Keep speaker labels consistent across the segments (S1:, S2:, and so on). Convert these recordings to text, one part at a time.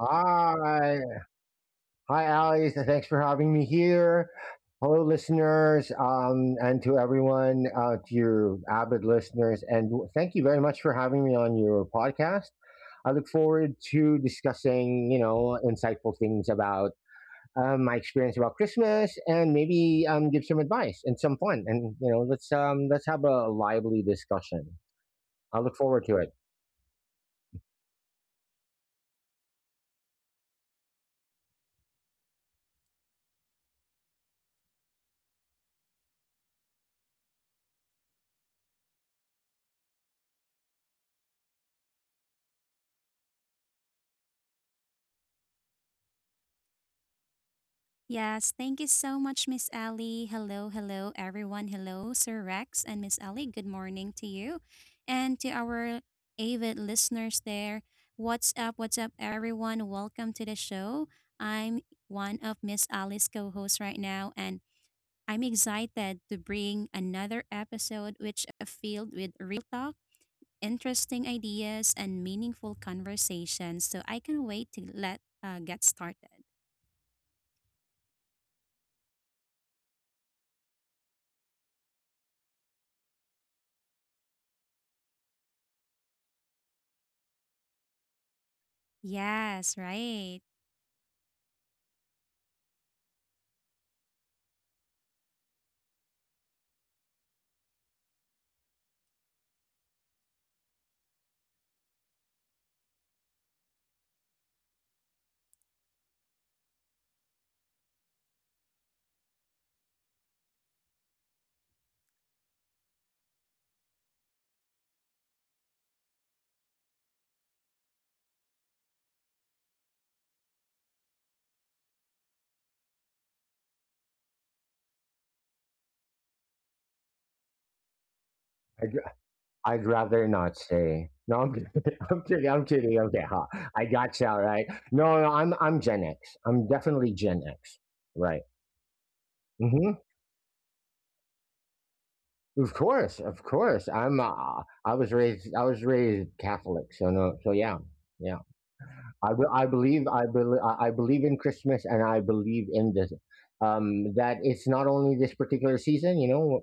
S1: Hi. Hi, Alice. Thanks for having me here. Hello, listeners, and to everyone, to your avid listeners. And thank you very much for having me on your podcast. I look forward to discussing, you know, insightful things about my experience about Christmas and maybe give some advice and some fun. And, you know, let's have a lively discussion. I look forward to it.
S2: Yes, thank you so much, Miss Ellie. Hello, hello, everyone. Hello, Sir Rex and Miss Ellie. Good morning to you and to our avid listeners there. What's up? What's up, everyone? Welcome to the show. I'm one of Miss Ellie's co hosts right now, and I'm excited to bring another episode which is filled with real talk, interesting ideas, and meaningful conversations. So I can wait to let get started. Yes, right.
S1: I'd rather not say. No, I'm kidding. I'm kidding. I'm kidding. Okay, ha. I got you. All right. No, no, I'm Gen X. I'm definitely Gen X. Right. hmm Of course. Of course. I'm. I was raised Catholic. So no. So yeah. Yeah. I believe in Christmas and I believe in this, that it's not only this particular season. You know,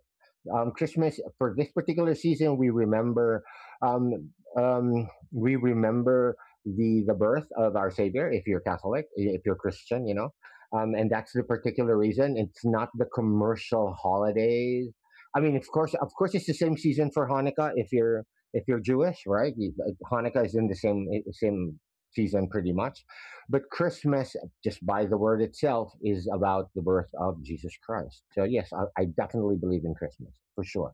S1: Christmas, for this particular season we remember, um, um, we remember the birth of our Savior. If you're Catholic, if you're Christian, you know, and that's the particular reason. It's not the commercial holidays. I mean, of course, it's the same season for Hanukkah if you're Jewish, right? Hanukkah is in the same same season pretty much. But Christmas, just by the word itself, is about the birth of Jesus Christ. So, yes, I definitely believe in Christmas for sure.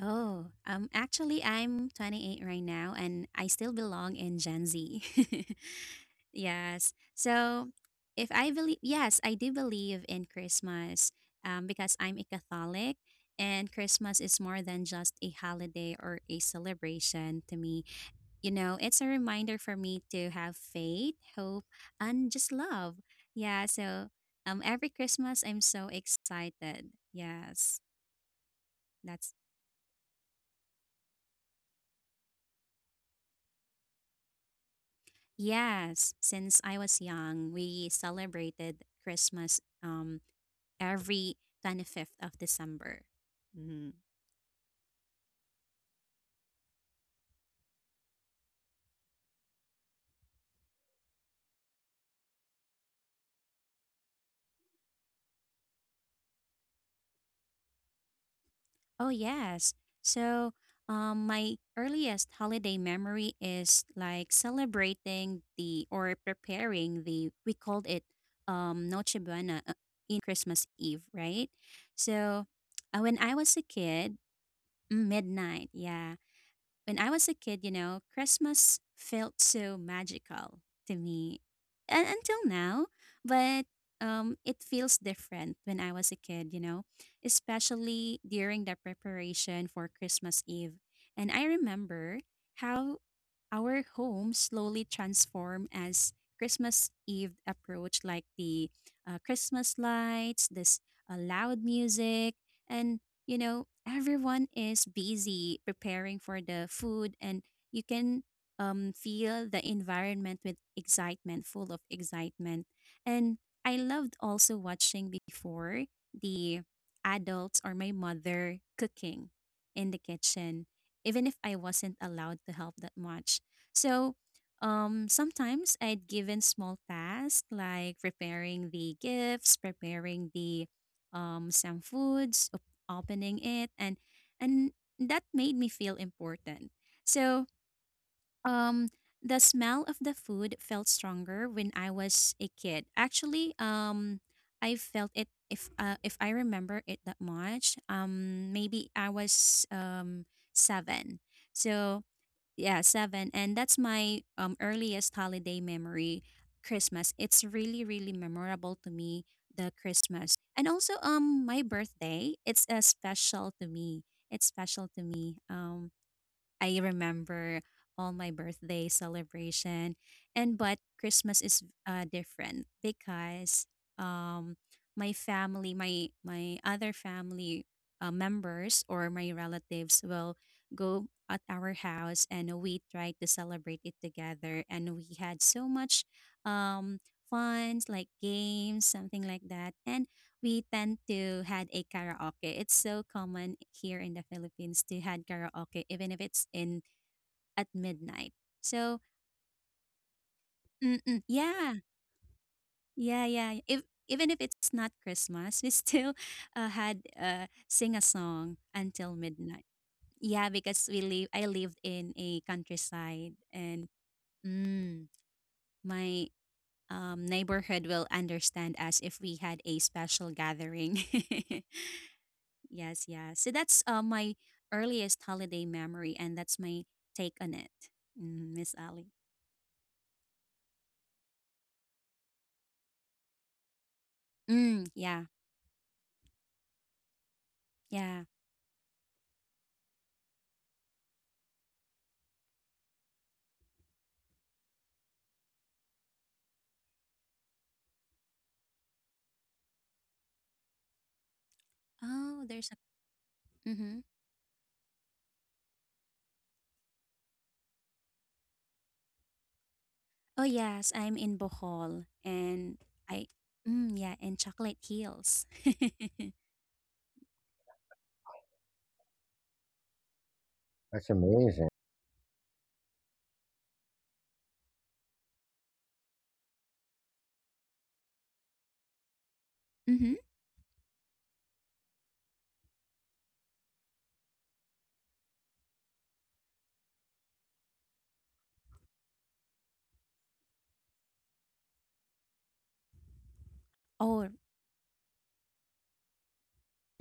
S2: Oh, Actually, I'm 28 right now, and I still belong in Gen Z. Yes. So, if I believe, yes, I do believe in Christmas because I'm a Catholic, and Christmas is more than just a holiday or a celebration to me. You know, it's a reminder for me to have faith, hope, and just love. Yeah. So, every Christmas, I'm so excited. Yes. That's yes, since I was young, we celebrated Christmas every 25th of December. Hmm. Oh, yes. So, my earliest holiday memory is like celebrating the or preparing the we called it Noche Buena in Christmas Eve, right? So, when I was a kid, midnight, yeah. When I was a kid, you know, Christmas felt so magical to me and until now, but it feels different when I was a kid, you know, especially during the preparation for Christmas Eve. And I remember how our home slowly transformed as Christmas Eve approached, like the Christmas lights, this loud music, and you know, everyone is busy preparing for the food, and you can feel the environment with excitement, full of excitement. And I loved also watching before the adults or my mother cooking in the kitchen, even if I wasn't allowed to help that much. So, sometimes I'd given small tasks like preparing the gifts, preparing the some foods, opening it and that made me feel important. So, um the smell of the food felt stronger when I was a kid. Actually, I felt it if I remember it that much. Maybe I was 7. So, yeah, seven. And that's my earliest holiday memory, Christmas. It's really, really memorable to me, the Christmas. And also my birthday, it's a special to me. It's special to me. I remember all my birthday celebration and but Christmas is different because um my other family members or my relatives will go at our house and we try to celebrate it together and we had so much um fun like games something like that and we tend to had a karaoke. It's so common here in the Philippines to had karaoke, even if it's in at midnight. So mm-mm, yeah, yeah, yeah. If even if it's not Christmas, we still had sing a song until midnight. Yeah, because we live. I lived in a countryside, and mm, my neighborhood will understand us if we had a special gathering. Yes, yeah. So that's my earliest holiday memory, and that's my take on it, Mm, Miss Ali. Mm, yeah, yeah. Oh, there's a. Mm-hmm. Oh yes, I'm in Bohol, and I. Mm, yeah, and Chocolate Hills.
S1: That's amazing.
S2: Mm-hmm. Oh.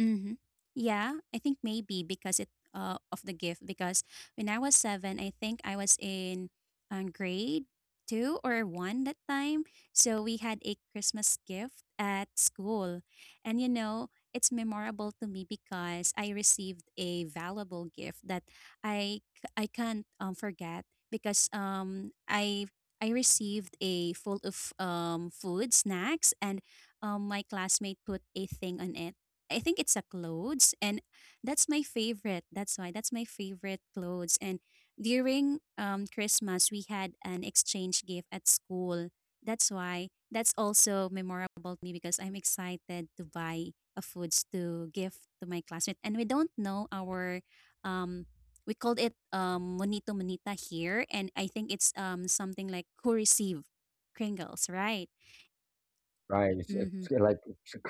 S2: Mm-hmm. Yeah, I think maybe because it of the gift. Because when I was seven, I think I was in grade two or one that time. So we had a Christmas gift at school, and you know it's memorable to me because I received a valuable gift that I can't forget because I received a full of food, snacks, and my classmate put a thing on it I think it's a clothes and that's my favorite. That's why that's my favorite clothes. And during Christmas we had an exchange gift at school. That's why that's also memorable to me because I'm excited to buy a foods to give to my classmate. And we don't know our um we called it monito monita here and I think it's something like who receive Kringles, right?
S1: Right. It's,
S2: Mm-hmm.
S1: it's like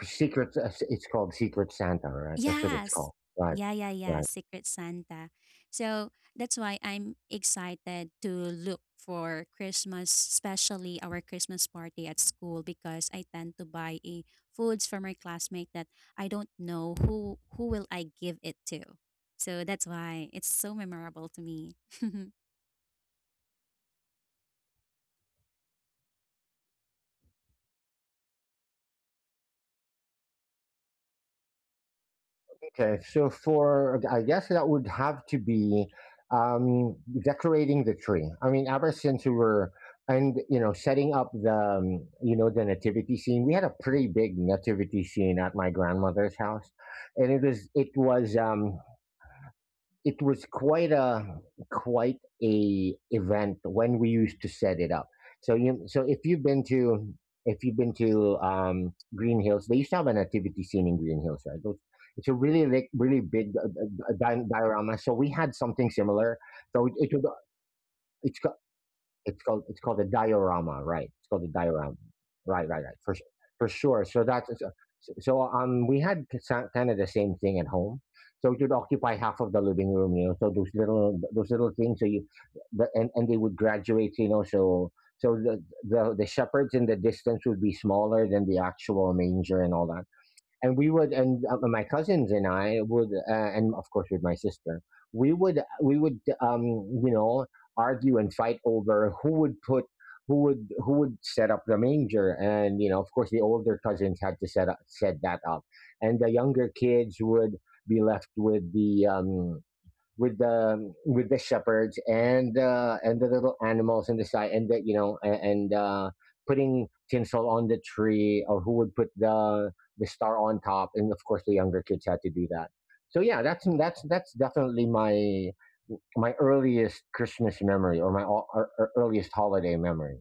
S1: secret, it's called Secret Santa, right? That's what it's
S2: Yes.
S1: called. Right.
S2: Yeah, yeah, yeah.
S1: Right.
S2: Secret Santa. So that's why I'm excited to look for Christmas, especially our Christmas party at school, because I tend to buy a foods from my classmate that I don't know who will I give it to. So that's why it's so memorable to me.
S1: Okay, so for, I guess that would have to be um, decorating the tree. I mean, ever since we were, and you know, setting up the, you know, the nativity scene. We had a pretty big nativity scene at my grandmother's house, and it was it was it was quite a quite event when we used to set it up. So you, so if you've been to Green Hills, they used to have an nativity scene in Green Hills, right? It's a really, like really big diorama. So we had something similar. So it's it's called a diorama, right? It's called a diorama, right? Right? Right? For sure. So we had kind of the same thing at home. So it would occupy half of the living room, you know. So those little things. So you the, and they would graduate, you know. So so the shepherds in the distance would be smaller than the actual manger and all that, and we would, and my cousins and I would, and of course with my sister, we would you know, argue and fight over who would put, who would set up the manger. And you know, of course the older cousins had to set up set that up, and the younger kids would be left with the, with the shepherds and, and the little animals in the side, and the, you know, and, uh, putting tinsel on the tree, or who would put the star on top, and of course the younger kids had to do that. So yeah, that's definitely my earliest Christmas memory, or my or earliest holiday memory,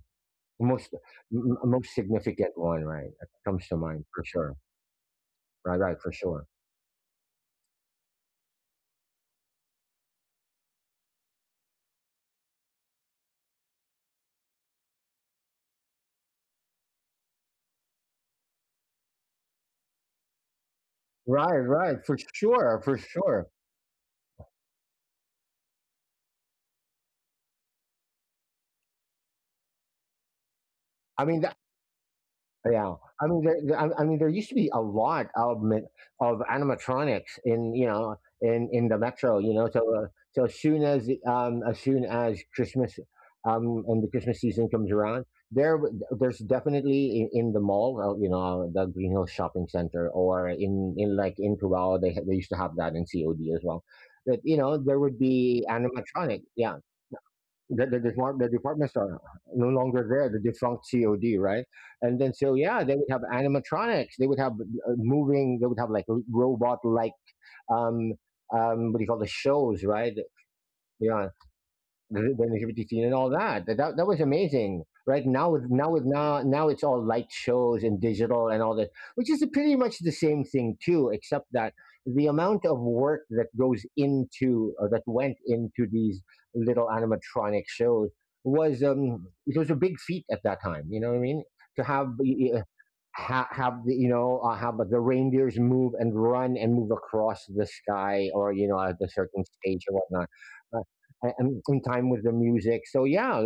S1: most most significant one, right, that comes to mind for sure. Right. Right, for sure. Right. Right, for sure. For sure. I mean, yeah, I mean, I mean, there used to be a lot of animatronics in, you know, in the metro, you know. So so as soon as, Christmas, and the Christmas season comes around, there's definitely in the mall, you know, the Green Hills Shopping Center, or in like in Cubao, they used to have that in COD as well. That, you know, there would be animatronic, yeah, the, the departments are no longer there, the defunct COD, right? And then, so yeah, they would have animatronics, they would have, moving, they would have like robot, like, um what do you call the shows, right? Yeah, the LGBT scene and all that. That was amazing. Right now, with, now it's all light shows and digital and all that, which is pretty much the same thing too, except that the amount of work that goes into, or that went into these little animatronic shows was, it was a big feat at that time. You know what I mean? To have, have the, you know, have the reindeers move and run and move across the sky, or you know, at a certain stage or whatnot, and in time with the music. So yeah,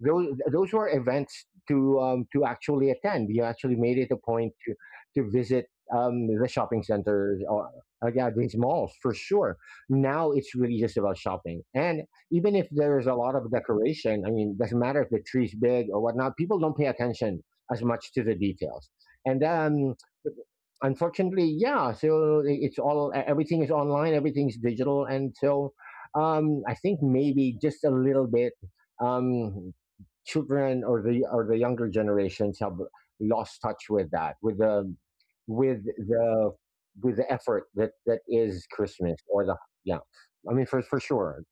S1: those were events to, to actually attend. We actually made it a point to visit, the shopping centers or, like, yeah, these malls, for sure. Now it's really just about shopping, and even if there is a lot of decoration, I mean, doesn't matter if the tree's big or whatnot. People don't pay attention as much to the details, and, unfortunately, yeah. So it's all, everything is online, everything's digital, and so, I think maybe just a little bit, Um, children, or the, younger generations, have lost touch with that, with the with the with the effort that that is Christmas, or the, yeah. I mean, for sure,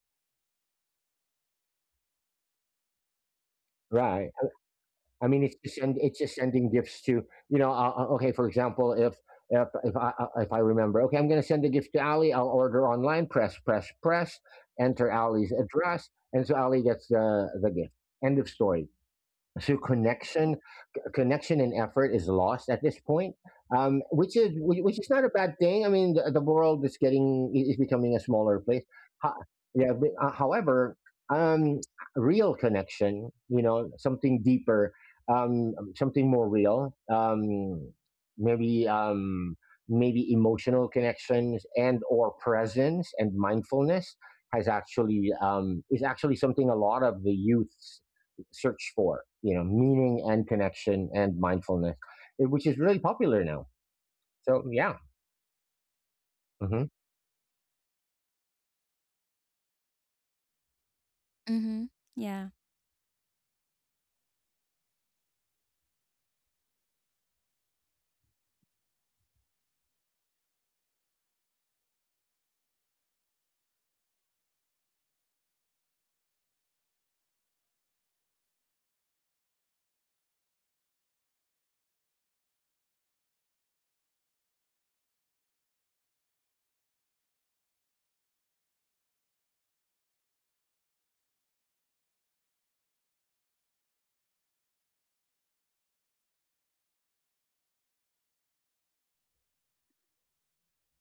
S1: right? I mean, it's just send, it's just sending gifts to, you know. Okay, for example, if I, if I remember, okay, I'm going to send a gift to Ali. I'll order online, press press press, enter Ali's address, and so Ali gets the gift. End of story. So connection, connection and effort is lost at this point, which is, which is not a bad thing. I mean, the, world is getting, is becoming a smaller place. Ho- yeah, but, however, um, real connection, you know, something deeper, something more real, maybe, maybe emotional connections, and or presence, and mindfulness has actually, is actually something a lot of the youth search for, you know, meaning and connection and mindfulness, eh, which is really popular now. So yeah. Mm-hmm.
S2: Mm-hmm. Yeah.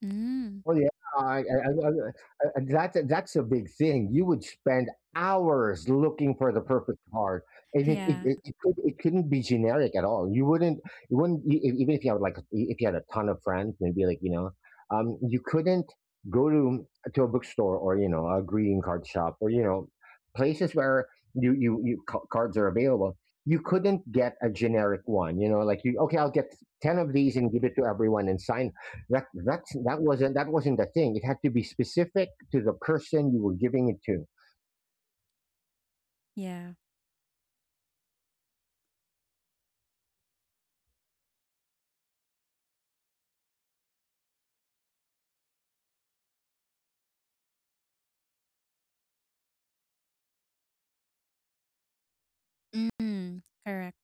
S2: Mm.
S1: Oh yeah, I, I, I, I, that's a big thing. You would spend hours looking for the perfect card, and it it,
S2: Yeah.
S1: it, it, could, it couldn't be generic at all. You wouldn't, even if you had like, if you had a ton of friends, maybe like, you know, you couldn't go to a bookstore, or you know, a greeting card shop, or you know, places where you cards are available. You couldn't get a generic one, you know, like you, okay, I'll get ten of these and give it to everyone and sign that. That's, that wasn't the thing. It had to be specific to the person you were giving it to.
S2: Yeah. Mm. Correct.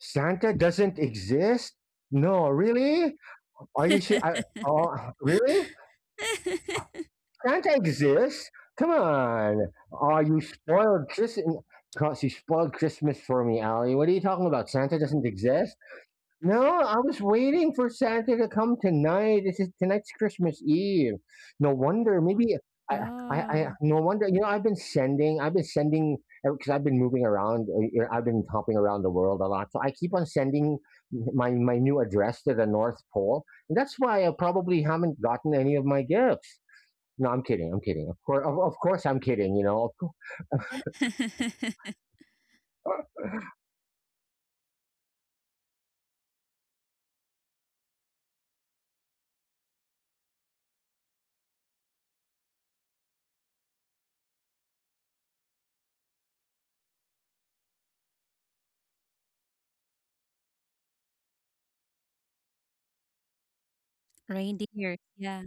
S1: Santa doesn't exist. No, really? Are you sure? Oh, really? Santa exists. Come on. Oh, you spoiled Christmas. You spoiled Christmas for me, Ali. What are you talking about? Santa doesn't exist. No, I was waiting for Santa to come tonight. This is tonight's Christmas Eve. No wonder. Maybe I, I
S2: Oh.
S1: no wonder. You know, I've been sending because I've been moving around. You know, I've been hopping around the world a lot, so I keep on sending my new address to the North Pole. And that's why I probably haven't gotten any of my gifts. No, I'm kidding. I'm kidding. Of course, of course, I'm kidding. You know, of,
S2: Reindeer. Yeah.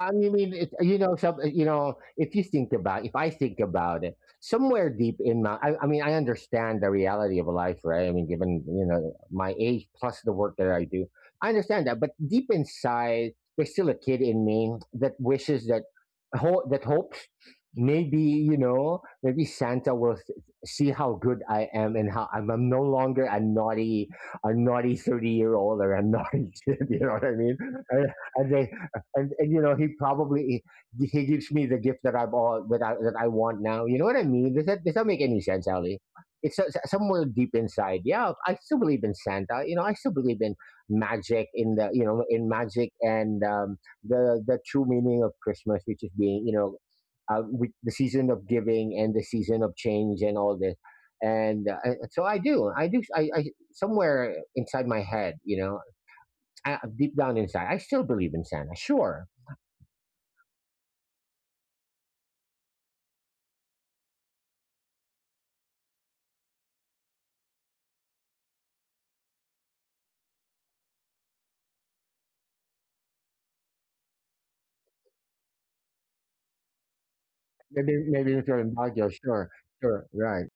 S1: I mean, it, you know, some, you know, if you think about, if I think about it, somewhere deep in my, I mean, I understand the reality of life, right? I mean, given, you know, my age, plus the work that I do, I understand that. But deep inside, there's still a kid in me that wishes that, that hopes, maybe, you know, maybe Santa will, see how good I am and how I'm no longer a naughty 30-year old, or a naughty kid. You know what I mean? And, and they you know, he probably, he gives me the gift that I've, that I want now. You know what I mean? Does that, make any sense, Ali? It's, somewhere deep inside. Yeah, I still believe in Santa. You know, I still believe in magic in magic and the true meaning of Christmas, which is being with the season of giving and the season of change and all this. So I do. I do. I somewhere inside my head, deep down inside, I still believe in Santa. Sure. Maybe if you're in Baguio, sure, sure, right.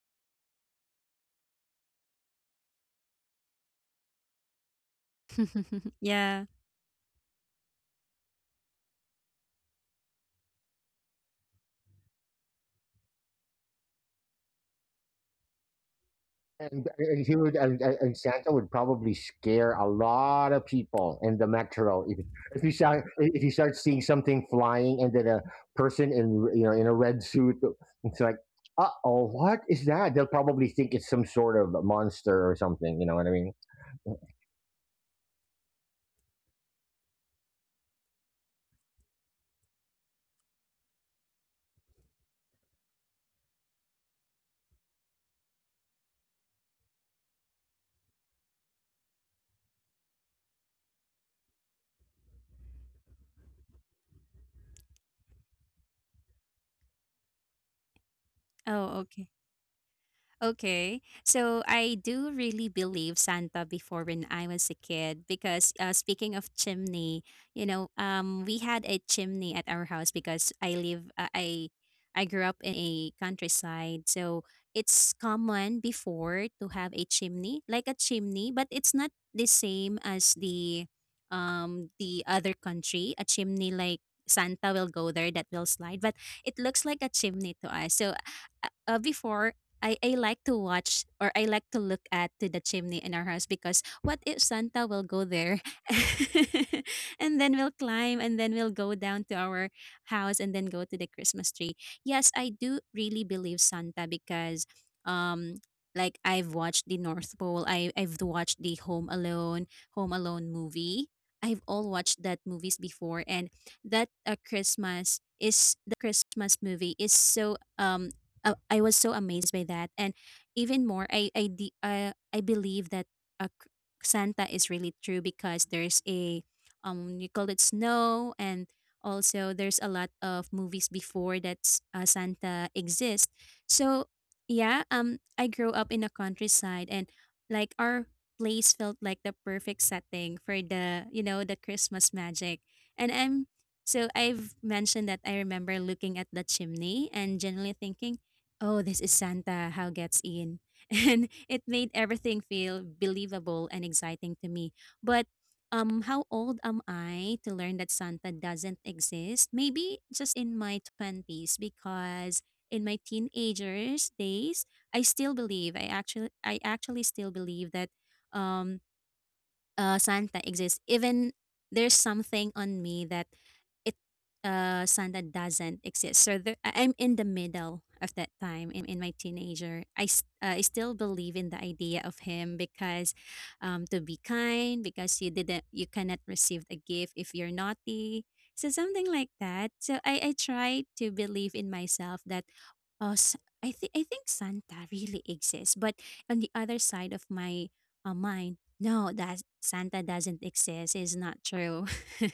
S2: Yeah.
S1: And he would and Santa would probably scare a lot of people in the metro if you start seeing something flying, and then a person in you know in a red suit, it's like, oh, what is that? They'll probably think it's some sort of monster or something. You know what I mean?
S2: Oh, okay. Okay. So I do really believe Santa before when I was a kid because speaking of chimney, you know, we had a chimney at our house because I I grew up in a countryside. So it's common before to have a chimney, like a chimney, but it's not the same as the other country, a chimney like Santa will go there that will slide, but it looks like a chimney to us. So before I like to watch or I like to look at to the chimney in our house because what if Santa will go there and then we'll climb and then we'll go down to our house and then go to the Christmas tree. Yes, I do really believe Santa because um like I've watched the North Pole, I've watched the Home Alone, Home Alone movie. I've all watched that movies before and that Christmas is that Christmas movie is so I was so amazed by that, and even more, I believe that uh, c- Santa is really true because there's a you call it snow, and also there's a lot of movies before that Santa exists. So yeah, I grew up in the countryside, and like our place felt like the perfect setting for the you know the Christmas magic, and I'm so I've mentioned that I remember looking at the chimney and generally thinking oh, this is Santa, how gets in. And it made everything feel believable and exciting to me. But how old am I to learn that Santa doesn't exist? Maybe just in my 20s, because in my teenagers days, I still believe, I actually still believe that um, Santa exists. Even there's something on me that it Santa doesn't exist. So there, I'm in the middle of that time in my teenager. I still believe in the idea of him because to be kind because you cannot receive a gift if you're naughty. So something like that. So I try to believe in myself that oh I think Santa really exists. But on the other side of my mind no, that Santa doesn't exist is not true.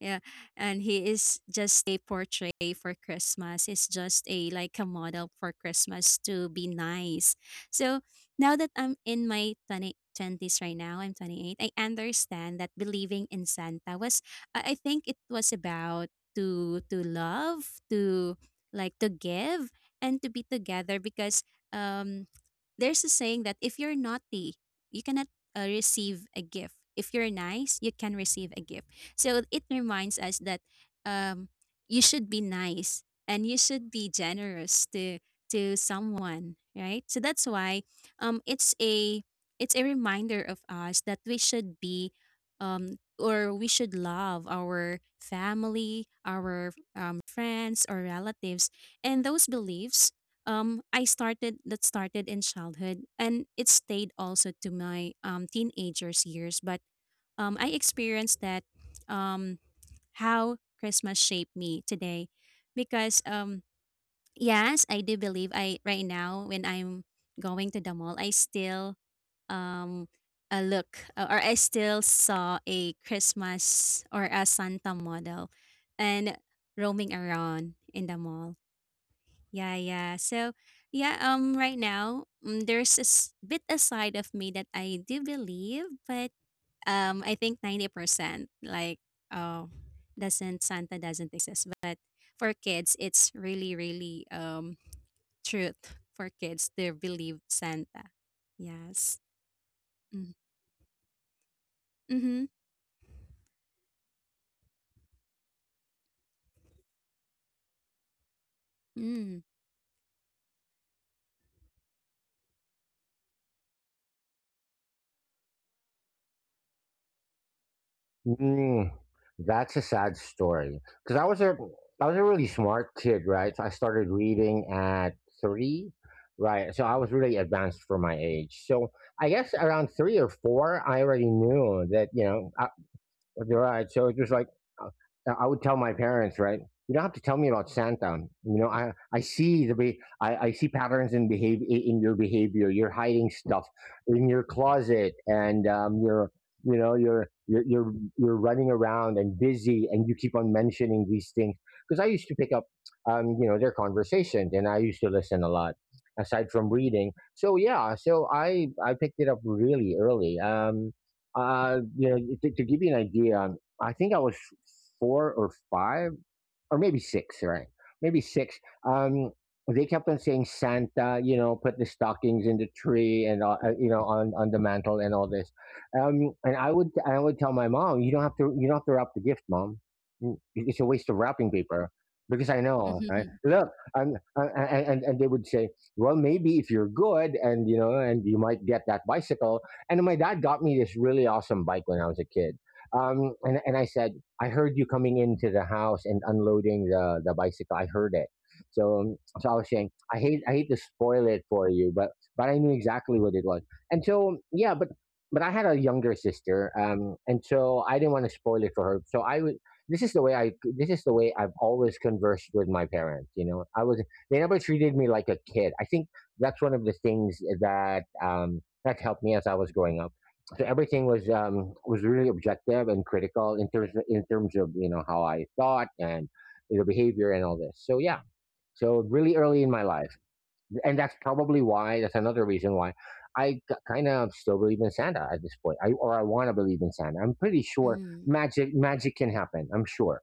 S2: Yeah, and he is just a portrait for Christmas. He's just a like a model for Christmas to be nice. So now that I'm in my 20 twenties right now, I'm 28. I understand that believing in Santa was I think it was about to love, to give and to be together because um there's a saying that if you're naughty, you cannot receive a gift. If you're nice, you can receive a gift. So it reminds us that um, you should be nice and you should be generous to someone, right? So that's why it's a reminder of us that we should be or we should love our family, our friends or relatives, and those beliefs I started that started in childhood and it stayed also to my teenagers years. But I experienced that um, how Christmas shaped me today, because yes, I do believe I right now when I'm going to the mall, I still um, a look or I still saw a Christmas or a Santa model and roaming around in the mall. Yeah, yeah. So, yeah, right now, there's bit a side of me that I do believe, but I think 90% like oh, doesn't Santa doesn't exist. But for kids, it's really really truth for kids. They believe Santa. Yes. Mm. Mhm. Mm.
S1: Mm, that's a sad story. Because I was a really smart kid, right? So I started reading at 3, right? So I was really advanced for my age. So I guess around 3 or 4, I already knew that you're right. So it's just like, I would tell my parents, right? You don't have to tell me about Santa. You know, I see the be- I see patterns in behavior, in your behavior. You're hiding stuff in your closet, and you're you know you're running around and busy, and you keep on mentioning these things. Because I used to pick up, their conversations, and I used to listen a lot aside from reading. So yeah, so I picked it up really early. To give you an idea, I think I was 4 or 5 or maybe 6, right? Maybe 6. Um, they kept on saying Santa, put the stockings in the tree and on the mantle and all this. And I would tell my mom, you don't have to wrap the gift, mom. It's a waste of wrapping paper because I know. Right?
S2: Mhm.
S1: Look, and uh, and they would say, well, maybe if you're good, and you know and you might get that bicycle. And my dad got me this really awesome bike when I was a kid. And I said, I heard you coming into the house and unloading the bicycle. I heard it. So, so I was saying, I hate to spoil it for you, but I knew exactly what it was. And so, yeah, but I had a younger sister. And so I didn't want to spoil it for her. So I would, this is the way I, This is the way I've always conversed with my parents. You know, they never treated me like a kid. I think that's one of the things that helped me as I was growing up. So everything was really objective and critical in terms of how I thought and the behavior and all this. So yeah, so really early in my life, and that's another reason why I kind of still believe in Santa at this point. I want to believe in Santa. I'm pretty sure
S2: Mm.
S1: magic can happen. I'm sure.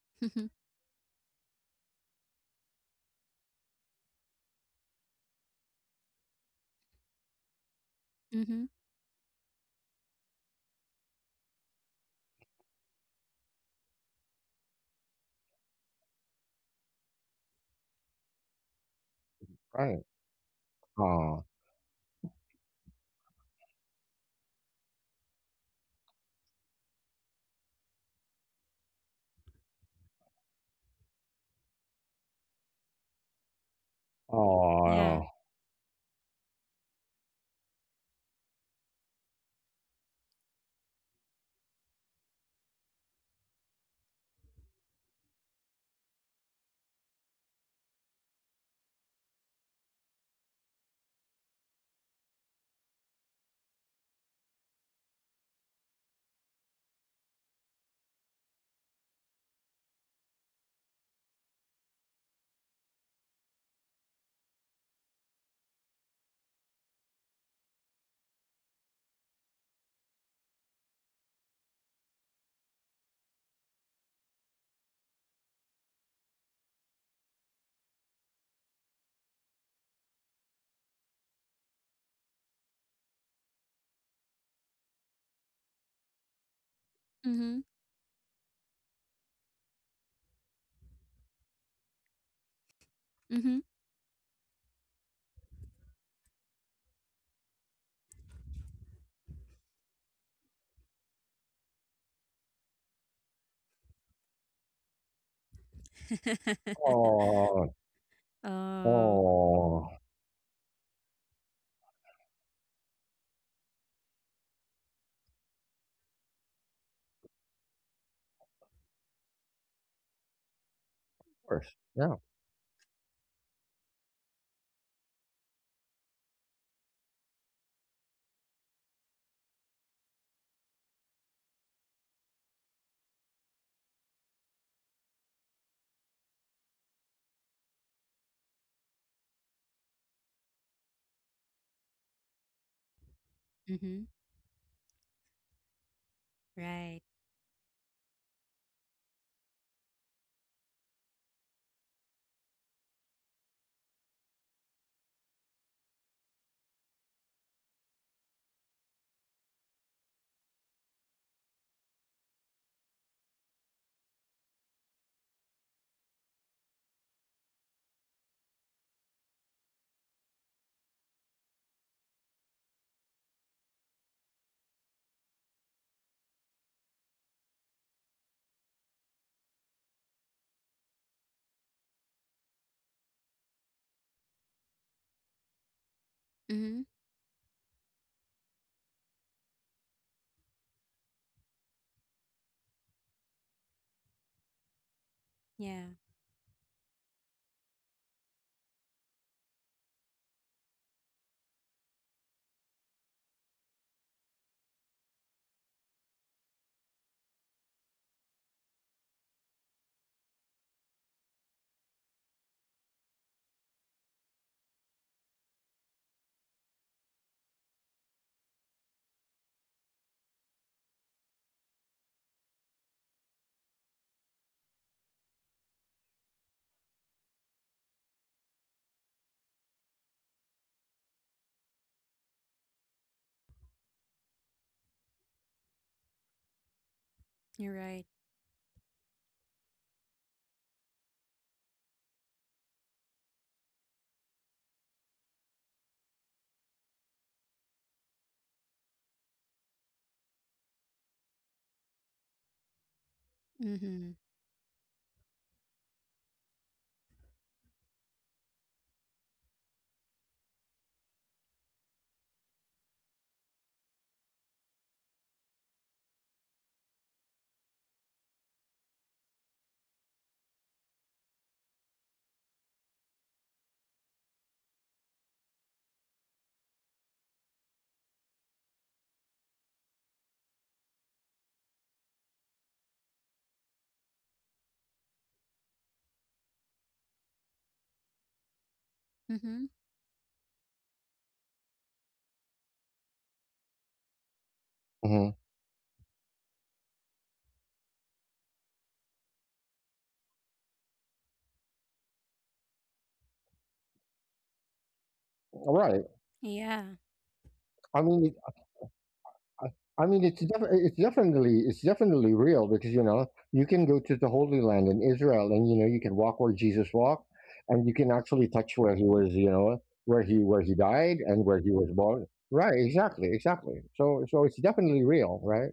S2: Mhm. Mhm.
S1: Right. Oh, oh,
S2: Yeah. Mhm. Mhm.
S1: oh,
S2: Oh.
S1: oh. Of course. Yeah.
S2: Mhm. Right. Mhm. Yeah, you're right. Mm-hmm. Mm-hmm.
S1: Mm-hmm. All right.
S2: Yeah.
S1: I mean, I I mean, it's def- it's definitely real because you can go to the Holy Land in Israel, and you can walk where Jesus walked, and you can actually touch where he was, where he died and where he was born. Right, exactly, exactly. So it's definitely real, right?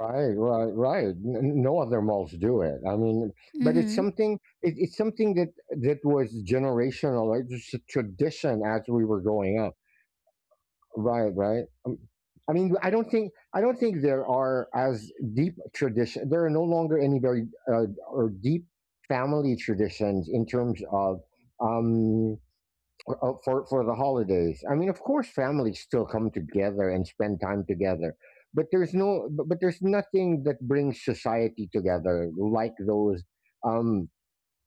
S1: Right, right, right. No other malls do it. I mean, but it's
S2: Mm-hmm.
S1: something. It's something that was generational. It's just a tradition as we were growing up. Right, right. I mean, I don't think there are as deep tradition. There are no longer any very or deep family traditions in terms of um for the holidays. I mean, of course, families still come together and spend time together, but there's nothing that brings society together like those. Um,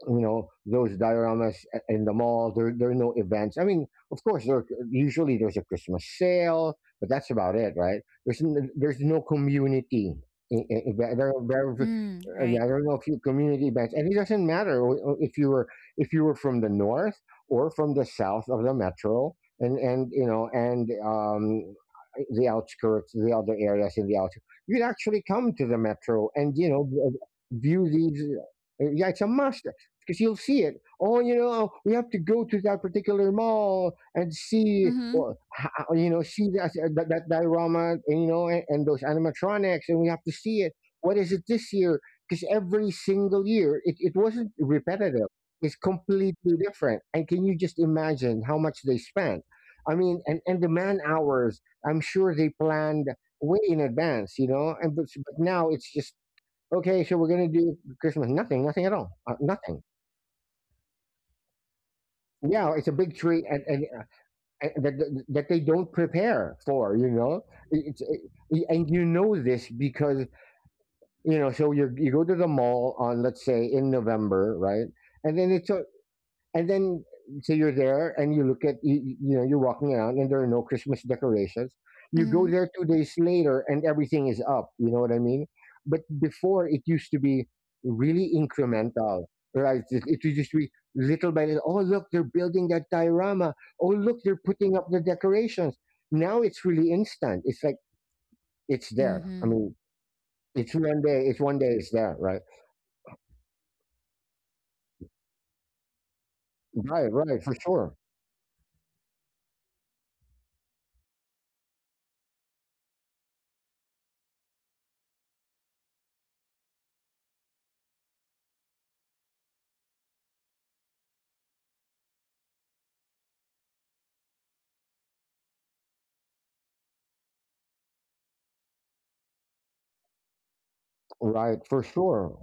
S1: you know those dioramas in the mall. There are no events. I mean, of course, there usually there's a Christmas sale, but that's about it. Right? There's no community event. There are very
S2: Mm, right.
S1: Yeah, there are no few community events, and it doesn't matter if you were from the north or from the south of the metro. And the other areas in the outskirts, you'd actually come to the metro and view these. Yeah, it's a must because you'll see it. Oh, you know, we have to go to that particular mall and see,
S2: Mm-hmm.
S1: well, see that diorama, and those animatronics, and we have to see it. What is it this year? Because every single year, it wasn't repetitive. It's completely different. And can you just imagine how much they spent? I mean, and the man hours, I'm sure they planned way in advance, you know, and but now it's just, okay, so we're gonna do Christmas. Nothing, nothing at all, nothing. Yeah, it's a big treat, and and that they don't prepare for. You know, it's and you know this because you know. So you go to the mall on let's say in November, right? And then it's a and then so you're there, and you look at you, you know you're walking around, and there are no Christmas decorations. You go
S2: Mm-hmm.
S1: there 2 days later and everything is up. You know what I mean? But before, it used to be really incremental, right? It used to be little by little. Oh, look, they're building that diorama. Oh, look, they're putting up the decorations. Now it's really instant. It's like, it's there. I
S2: Mm-hmm.
S1: mean, it's one day, it's one day, it's there. Right, right, right. For sure. Right, for sure.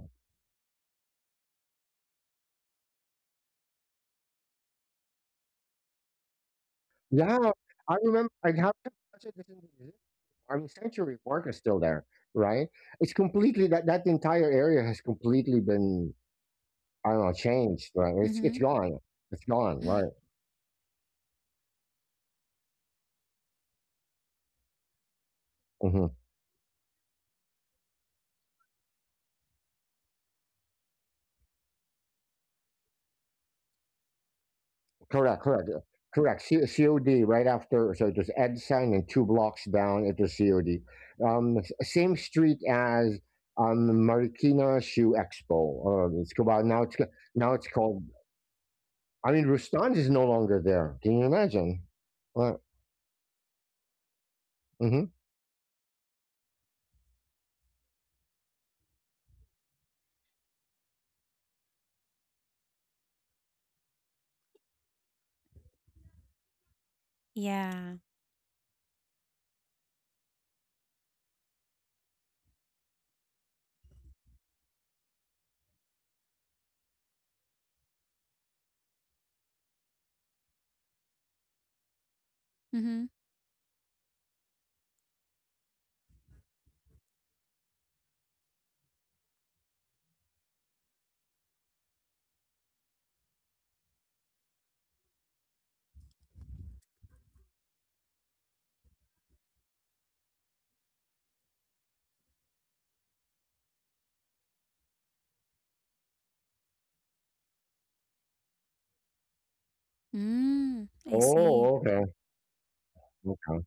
S1: Yeah, I remember. I have to watch it. Listen to music. I mean, Century Park is still there, right? It's completely That that entire area has completely been, I don't know, changed, right? It's
S2: Mm-hmm.
S1: gone. It's gone, right? Hmm. Correct, correct, correct. COD right after, so it was Edson and 2 blocks down. It was COD, same street as Marikina Shoe Expo. It's about now. Now it's called. I mean, Rustan's is no longer there. Can you imagine? Right. Mm-hmm.
S2: Yeah. Mm-hmm. Mm, I see.
S1: Oh, okay, okay.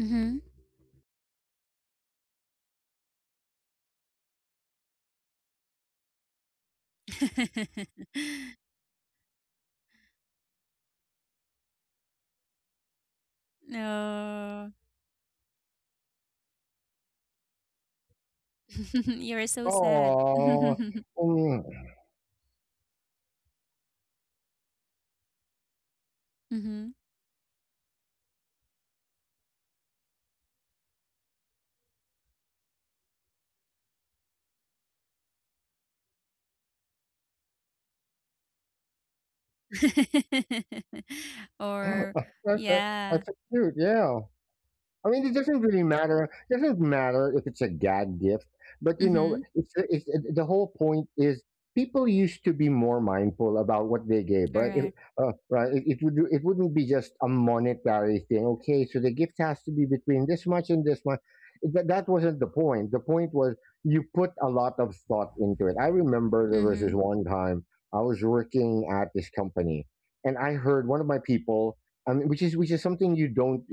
S2: Mm-hmm. No. You're so sad.
S1: Oh. Mm.
S2: Mm-hmm. Or
S1: That's a
S2: yeah.
S1: that's so cute, yeah. I mean, it doesn't really matter. It doesn't matter if it's a gag gift. But
S2: Mm-hmm.
S1: it's the whole point is people used to be more mindful about what they gave, right? If,
S2: Correct.
S1: Right? It wouldn't be just a monetary thing. Okay, so the gift has to be between this much and this much. That wasn't the point. The point was you put a lot of thought into it. I remember there was this
S2: Mm-hmm.
S1: one time I was working at this company, and I heard one of my people. I which is something you don't.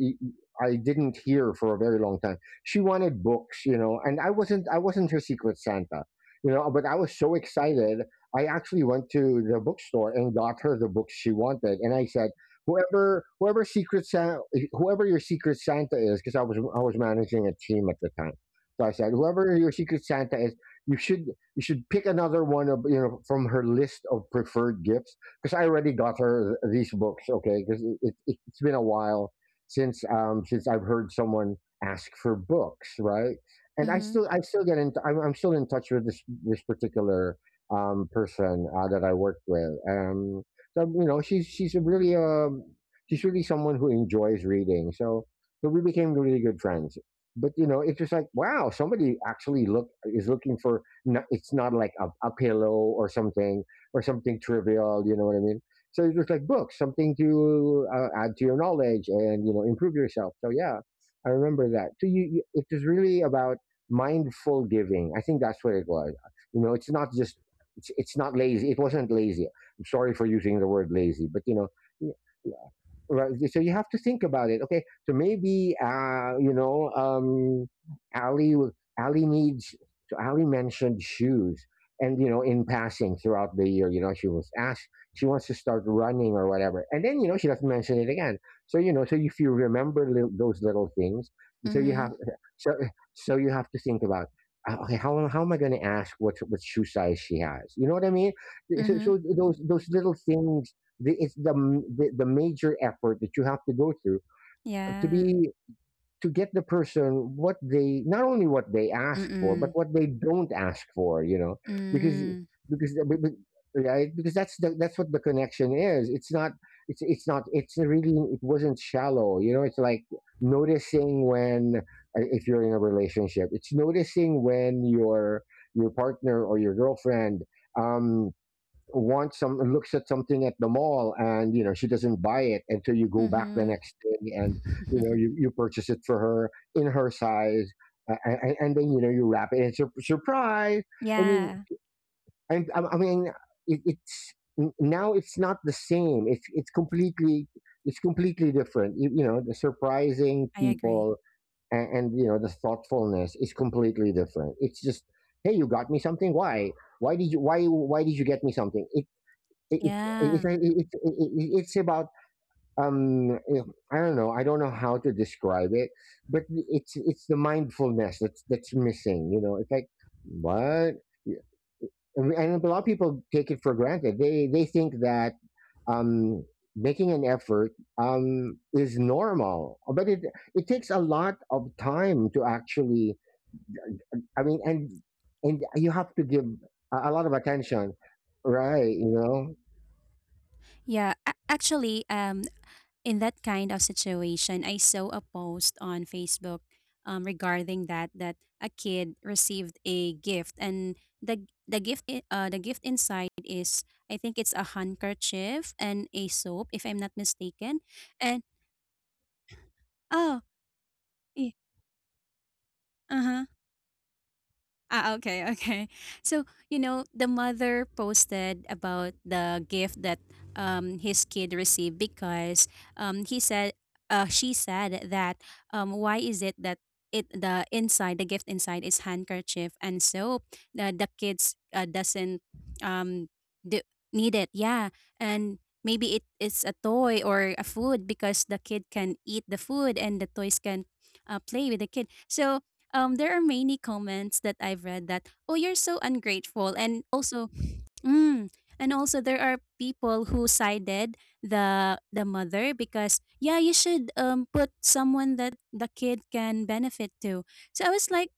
S1: I didn't hear for a very long time. She wanted books, and I wasn't her secret Santa, but I was so excited. I actually went to the bookstore and got her the books she wanted, and I said, "Whoever, whoever secret Santa, whoever your secret Santa is, because I was managing a team at the time, so I said, whoever your secret Santa is, you should pick another one of you know from her list of preferred gifts, because I already got her these books, okay, because it's been a while since I've heard someone ask for books, right? And I
S2: Mm-hmm.
S1: still I still I'm still in touch with this particular person, that I worked with. So she's really someone who enjoys reading. So we became really good friends. But it's just like, wow, somebody actually look is looking for. No, it's not like a pillow or something trivial. You know what I mean? So it was like books, something to add to your knowledge and improve yourself. So yeah, I remember that. So it was really about mindful giving. I think that's what it was. You know, it's not just, it's not lazy. It wasn't lazy. I'm sorry for using the word lazy, but you know, right? So you have to think about it. Okay, so maybe ali needs, so Ali mentioned shoes, and you know, in passing throughout the year, you know, she was asked she wants to start running or whatever, and then you know she doesn't mention it again. So you know, so if you remember those little things. So you
S2: Mm-hmm.
S1: have so so you have to think about, okay, how am I going to ask what shoe size she has? You know what I mean? so,
S2: Mm-hmm.
S1: so those little things, it's the the major effort that you have to go through, to
S2: Yeah.
S1: be to get the person what they, not only what they ask for, but
S2: Mm-mm.
S1: what they don't ask for. You know, because
S2: Mm.
S1: because right, because that's that's what the connection is. It's not, it's not, it's really, it wasn't shallow. You know, it's like noticing when, if you're in a relationship, it's noticing when your partner or your girlfriend um wants some, looks at something at the mall, and you know she doesn't buy it until you go back the
S2: Mm-hmm.
S1: next day and you know you purchase it for her in her size, and then you know you wrap it and surprise. i mean
S2: Yeah,
S1: I mean it's now, it's not the same. It's it's completely different. You know, the surprising
S2: I agree.
S1: people, and you know the thoughtfulness is completely different. It's just, "Hey, you got me something. Why did you, why did you get me something?" it, it, it, it,
S2: Yeah.
S1: it, it- it's about, um, you know, I don't know. I don't know how to describe it, but it's the mindfulness that's missing. You know, it's like, what I mean, and a lot of people take it for granted. They think that, um, making an effort, is normal, but it takes a lot of time to actually. I mean, and you have to give a lot of attention, right? You know,
S2: Yeah, actually in that kind of situation, I saw a post on Facebook regarding that a kid received a gift and the gift inside is I think it's a handkerchief and a soap if I'm not mistaken. And oh, yeah, uh-huh. Ah, okay, okay. So, you know, the mother posted about the gift that his kid received because um, he said, she said that why is it that it the inside the gift inside is handkerchief and soap the kids doesn't um do, need it yeah and maybe it is a toy or a food because the kid can eat the food and the toys can play with the kid so there are many comments that I've read that, oh, you're so ungrateful. And also, mm, and also there are people who sided the mother because yeah, you should put someone that the kid can benefit to. So I was like,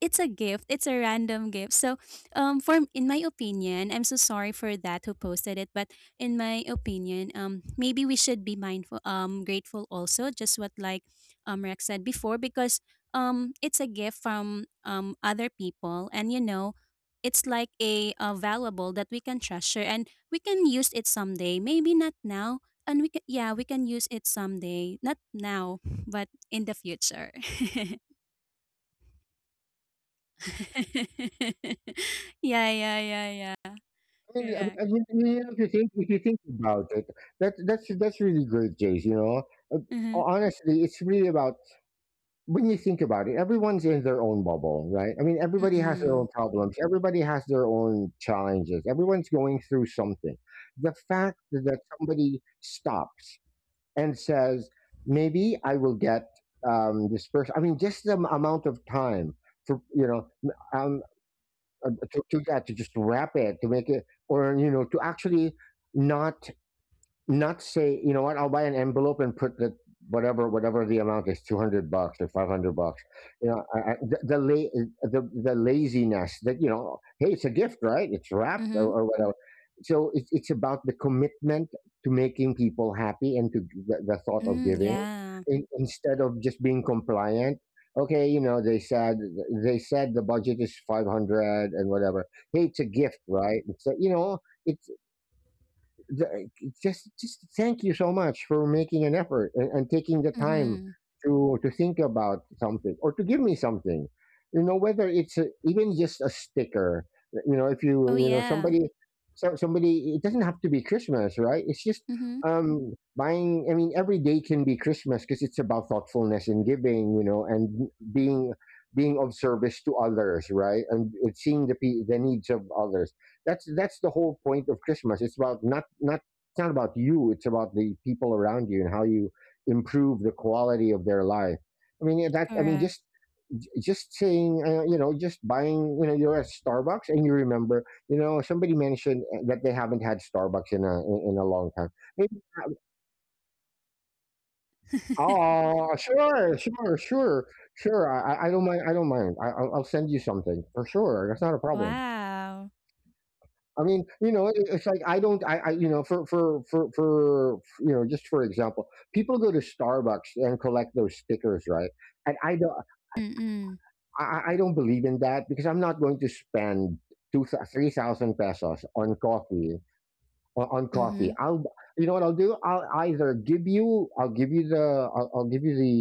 S2: it's a gift. It's a random gift. So, for in my opinion, I'm so sorry for that who posted it, but in my opinion, maybe we should be mindful, grateful also, just what like, Rex said before, because it's a gift from other people, and you know, it's like a valuable that we can treasure and we can use it someday. Maybe not now, and we can yeah, we can use it someday. Not now, but in the future. Yeah, yeah, yeah, yeah.
S1: I mean,
S2: Correct.
S1: if you think, about it, that, that's really great, Jace. You know, Uh,
S2: Mm-hmm.
S1: honestly, it's really about, when you think about it, everyone's in their own bubble, right? I mean, everybody has their
S2: Mm-mm.
S1: own problems. Everybody has their own challenges. Everyone's going through something. The fact that somebody stops and says, "Maybe I will get, this person." I mean, just the amount of time for you know, um to, yeah, to just wrap it, to make it, or you know, to actually not, say, you know what, I'll buy an envelope and put the whatever, the amount is, 200 bucks or 500 bucks, you know, the the laziness that you know, hey, it's a gift, right? It's wrapped,
S2: Mm-hmm.
S1: or whatever. So it's about the commitment to making people happy, and to the thought of
S2: Mm,
S1: giving,
S2: yeah.
S1: instead of just being compliant. Okay, you know, they said the budget is 500 and whatever, hey, it's a gift, right? So you know, it's just, thank you so much for making an effort, and taking the time
S2: Mm-hmm.
S1: to think about something or to give me something. You know, whether it's even just a sticker, you know, if
S2: Oh
S1: you know
S2: yeah.
S1: somebody, somebody, it doesn't have to be Christmas, right? It's just,
S2: Mm-hmm.
S1: buying, I mean, every day can be Christmas because it's about thoughtfulness and giving, you know, and being of service to others, right? And it's seeing the the needs of others. That's the whole point of Christmas. It's about not, it's not about you. It's about the people around you and how you improve the quality of their life. I mean, yeah, that. I mean,
S2: Correct.
S1: just saying, you know, just buying, you know, you're at Starbucks and you remember, you know, somebody mentioned that they haven't had Starbucks in a in a long time. Maybe. Oh, sure, sure, sure, sure. I don't mind. I don't mind. I'll send you something for sure. That's not a problem.
S2: Wow.
S1: I mean, you know, it's like I don't, I, you know, you know, just for example, people go to Starbucks and collect those stickers, right? And I don't,
S2: Mm-mm.
S1: I don't believe in that, because I'm not going to spend two, 3,000 pesos on coffee, on coffee.
S2: Mm-hmm.
S1: I'll, you know what I'll do? I'll either give you, I'll give you the, I'll give you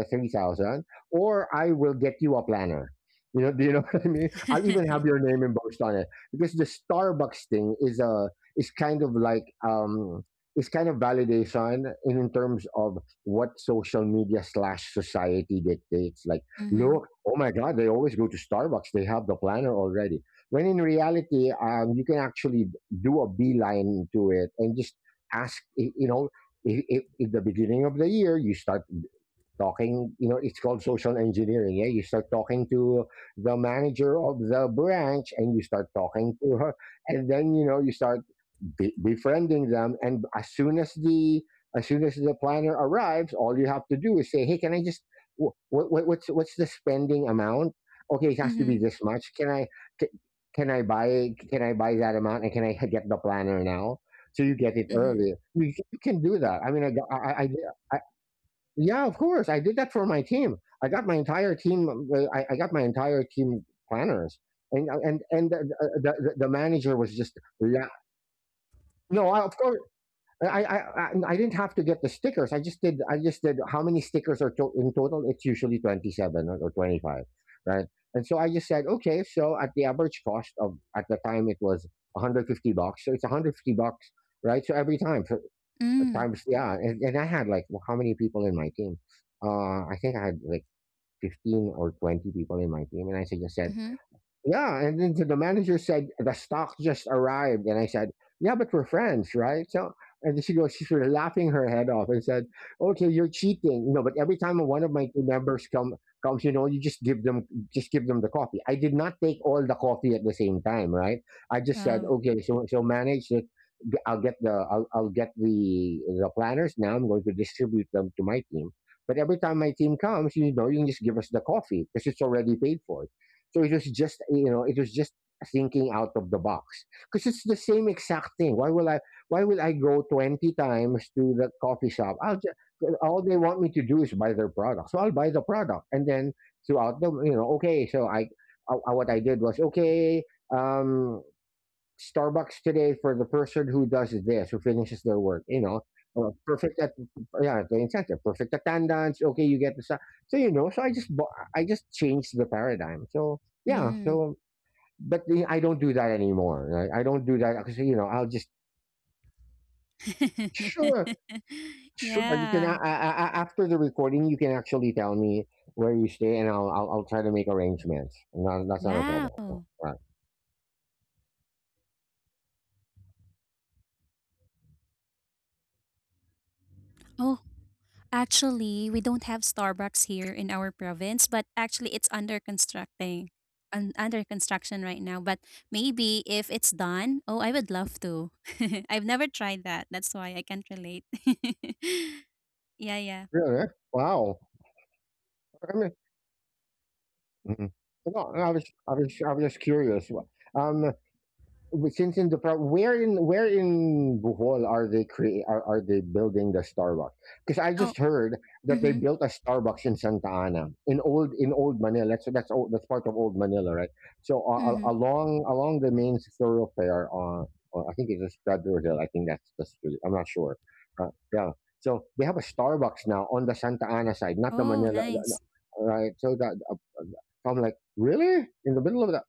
S1: the 3,000, or I will get you a planner. You know, do you know what I mean? I'll even have your name embossed on it, because the Starbucks thing is a, is kind of like, um, it's kind of validation, in terms of what social media slash society dictates. Like,
S2: Mm-hmm.
S1: look, oh my God, they always go to Starbucks. They have the planner already, when in reality, you can actually do a beeline to it and just ask, you know, if, if the beginning of the year, you start talking, you know, it's called social engineering. Yeah, you start talking to the manager of the branch, and you start talking to her, and then you know you start befriending them, and as soon as the, as soon as the planner arrives, all you have to do is say, "Hey, can I just, what's what's the spending amount? Okay, it has to
S2: Mm-hmm.
S1: be this much. Can I, can, can I buy, can I buy that amount and can I get the planner now?" So you get it
S2: Mm-hmm.
S1: early. You, you can do that. I mean, I, got- I yeah, of course I did that for my team. I got my entire team, I got my entire team planners, and the the manager was just no, of course, I didn't have to get the stickers. I just did. I just did. How many stickers are in total? It's usually 27 or 25, right? And so I just said, okay. So at the average cost of, at the time it was 150 bucks. So it's 150 bucks, right? So every time for
S2: Mm.
S1: times, yeah, and I had like, well, how many people in my team? I think I had like 15 or 20 people in my team, and I said, just said,
S2: Mm-hmm.
S1: yeah, and then so the manager said, "The stock just arrived," and I said, "Yeah, but we're friends, right?" So, and then she goes, she's sort of laughing her head off and said, "Okay, you're cheating." No, but every time one of my two members comes, you know, you just give them, the coffee. I did not take all the coffee at the same time, right? I just said,
S2: Oh.
S1: "Okay, so, manage it. I'll get the, I'll get the planners now. I'm going to distribute them to my team. But every time my team comes, you know, you can just give us the coffee because it's already paid for." So it was just, you know, it was just thinking out of the box, because it's the same exact thing. Why will I, go 20 times to the coffee shop? I'll just, all they want me to do is buy their product, so I'll buy the product, and then throughout the, you know, okay, so I what I did was, okay, um, Starbucks today for the person who does this, who finishes their work. You know, perfect, at yeah, the incentive, perfect attendance. Okay, you get the so you know. So I just I just changed the paradigm. So yeah,
S2: Mm.
S1: so but I don't do that anymore, right? I don't do that, because you know, I'll just, sure, sure, you can
S2: Yeah.
S1: after the recording, you can actually tell me where you stay, and I'll try to make arrangements. No, that's not a problem.
S2: Wow.
S1: Right?
S2: Oh, actually, we don't have Starbucks here in our province, but actually it's under constructing under construction right now. But maybe if it's done, oh, I would love to. I've never tried that. That's why I can't relate. Yeah, yeah.
S1: Really? Wow. Mhm. No, I was just curious, wha um, since in the where in, Bohol are they create are they building the Starbucks? Because I
S2: Oh,
S1: just heard that they
S2: mm-hmm.
S1: built a Starbucks in Santa Ana in old, Manila. That's old, that's part of old Manila, right? So,
S2: Mm-hmm.
S1: along the main thoroughfare, I think it's just Stradler Hill. I think that's the street. I'm not sure. Yeah. So they have a Starbucks now on the Santa Ana side, not the
S2: Oh,
S1: Manila,
S2: nice.
S1: right? So that, I'm like, really in the middle of that?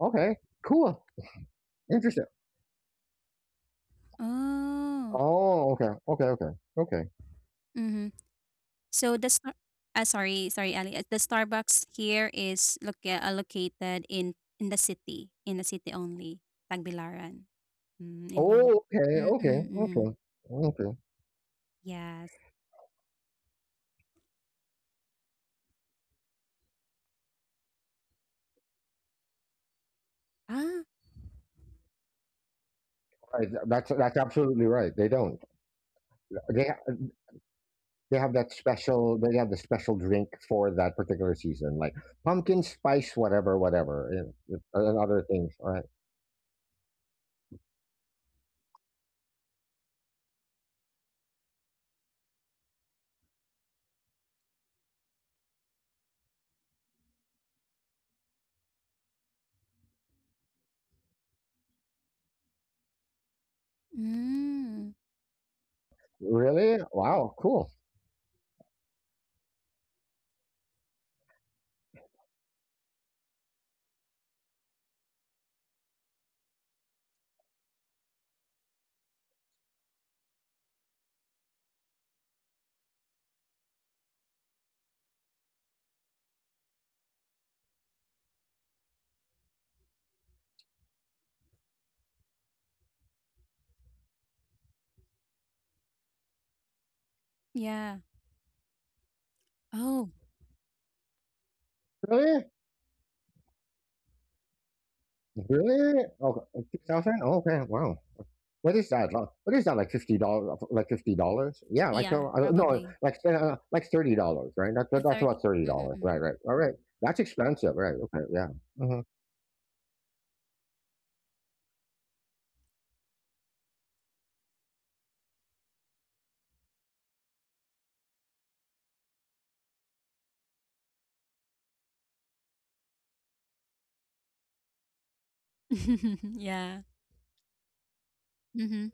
S1: Okay, cool, interesting.
S2: Oh.
S1: Oh, okay. Okay, okay, okay.
S2: Mm-hmm. So sorry, sorry, Ali. The Starbucks here is located in the city only, Tagbilaran, mm, in Bohol.
S1: Oh, okay,
S2: Mm
S1: okay,
S2: mm mm.
S1: okay, okay.
S2: Yes. Ah.
S1: Right, that's absolutely right. They don't. They ha- they have that special. They have the special drink for that particular season, like pumpkin spice, whatever, whatever, and other things. All right.
S2: Mm.
S1: Really? Wow. Cool.
S2: Yeah. Oh.
S1: Really? Really? Okay. 2,000. Okay. Wow. What is that? Like. What is that? Like $50? Like $50? Yeah, like,
S2: Yeah.
S1: no,
S2: Probably
S1: like, like $30, right?
S2: a
S1: That's
S2: 30.
S1: about thirty
S2: Mm mm
S1: dollars,
S2: mm.
S1: right? Right. All right. That's expensive, right? Okay. Yeah. Hmm.
S2: Yeah. Mhm.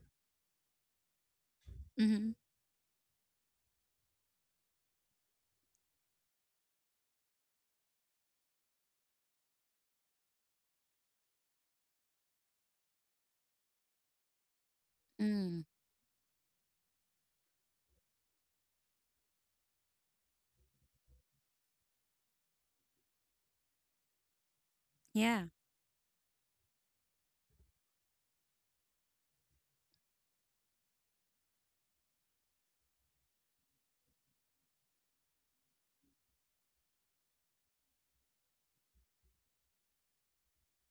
S2: Mhm. Mm. Yeah.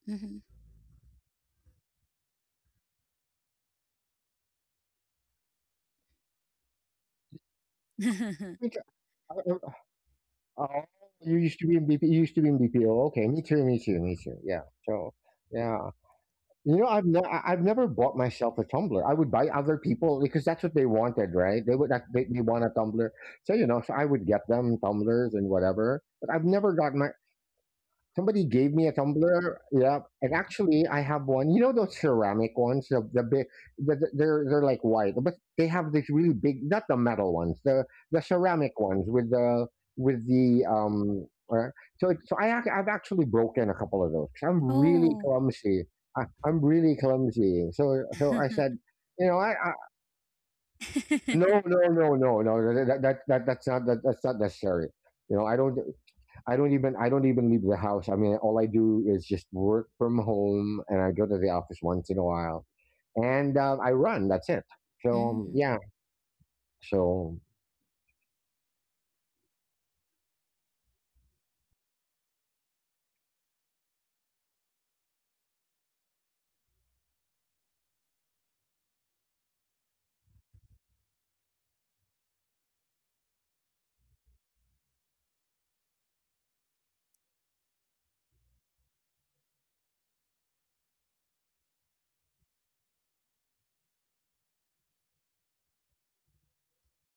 S2: Mhm.
S1: Oh, you used to be in BP. You used to be in BPO. Okay. Me too. Me too. Me too. Yeah. So. Yeah. You know, I've I've never bought myself a tumbler. I would buy other people because that's what they wanted, right? They would they want a tumbler, so you know, so I would get them tumblers and whatever. But I've never got my, somebody gave me a tumbler. Yeah, and actually, I have one. You know, those ceramic ones, they're like white, but they have these really big, not the metal ones, the ceramic ones with the, with the um. Uh, so it, so I've actually broken a couple of those, 'cause I'm really
S2: Oh.
S1: clumsy. I'm really clumsy. So, I said, you know, I, no, that that's not that's not necessary. You know, I don't. I don't even, leave the house. I mean, all I do is just work from home, and I go to the office once in a while, and, I run. That's it. So,
S2: Mm.
S1: yeah. So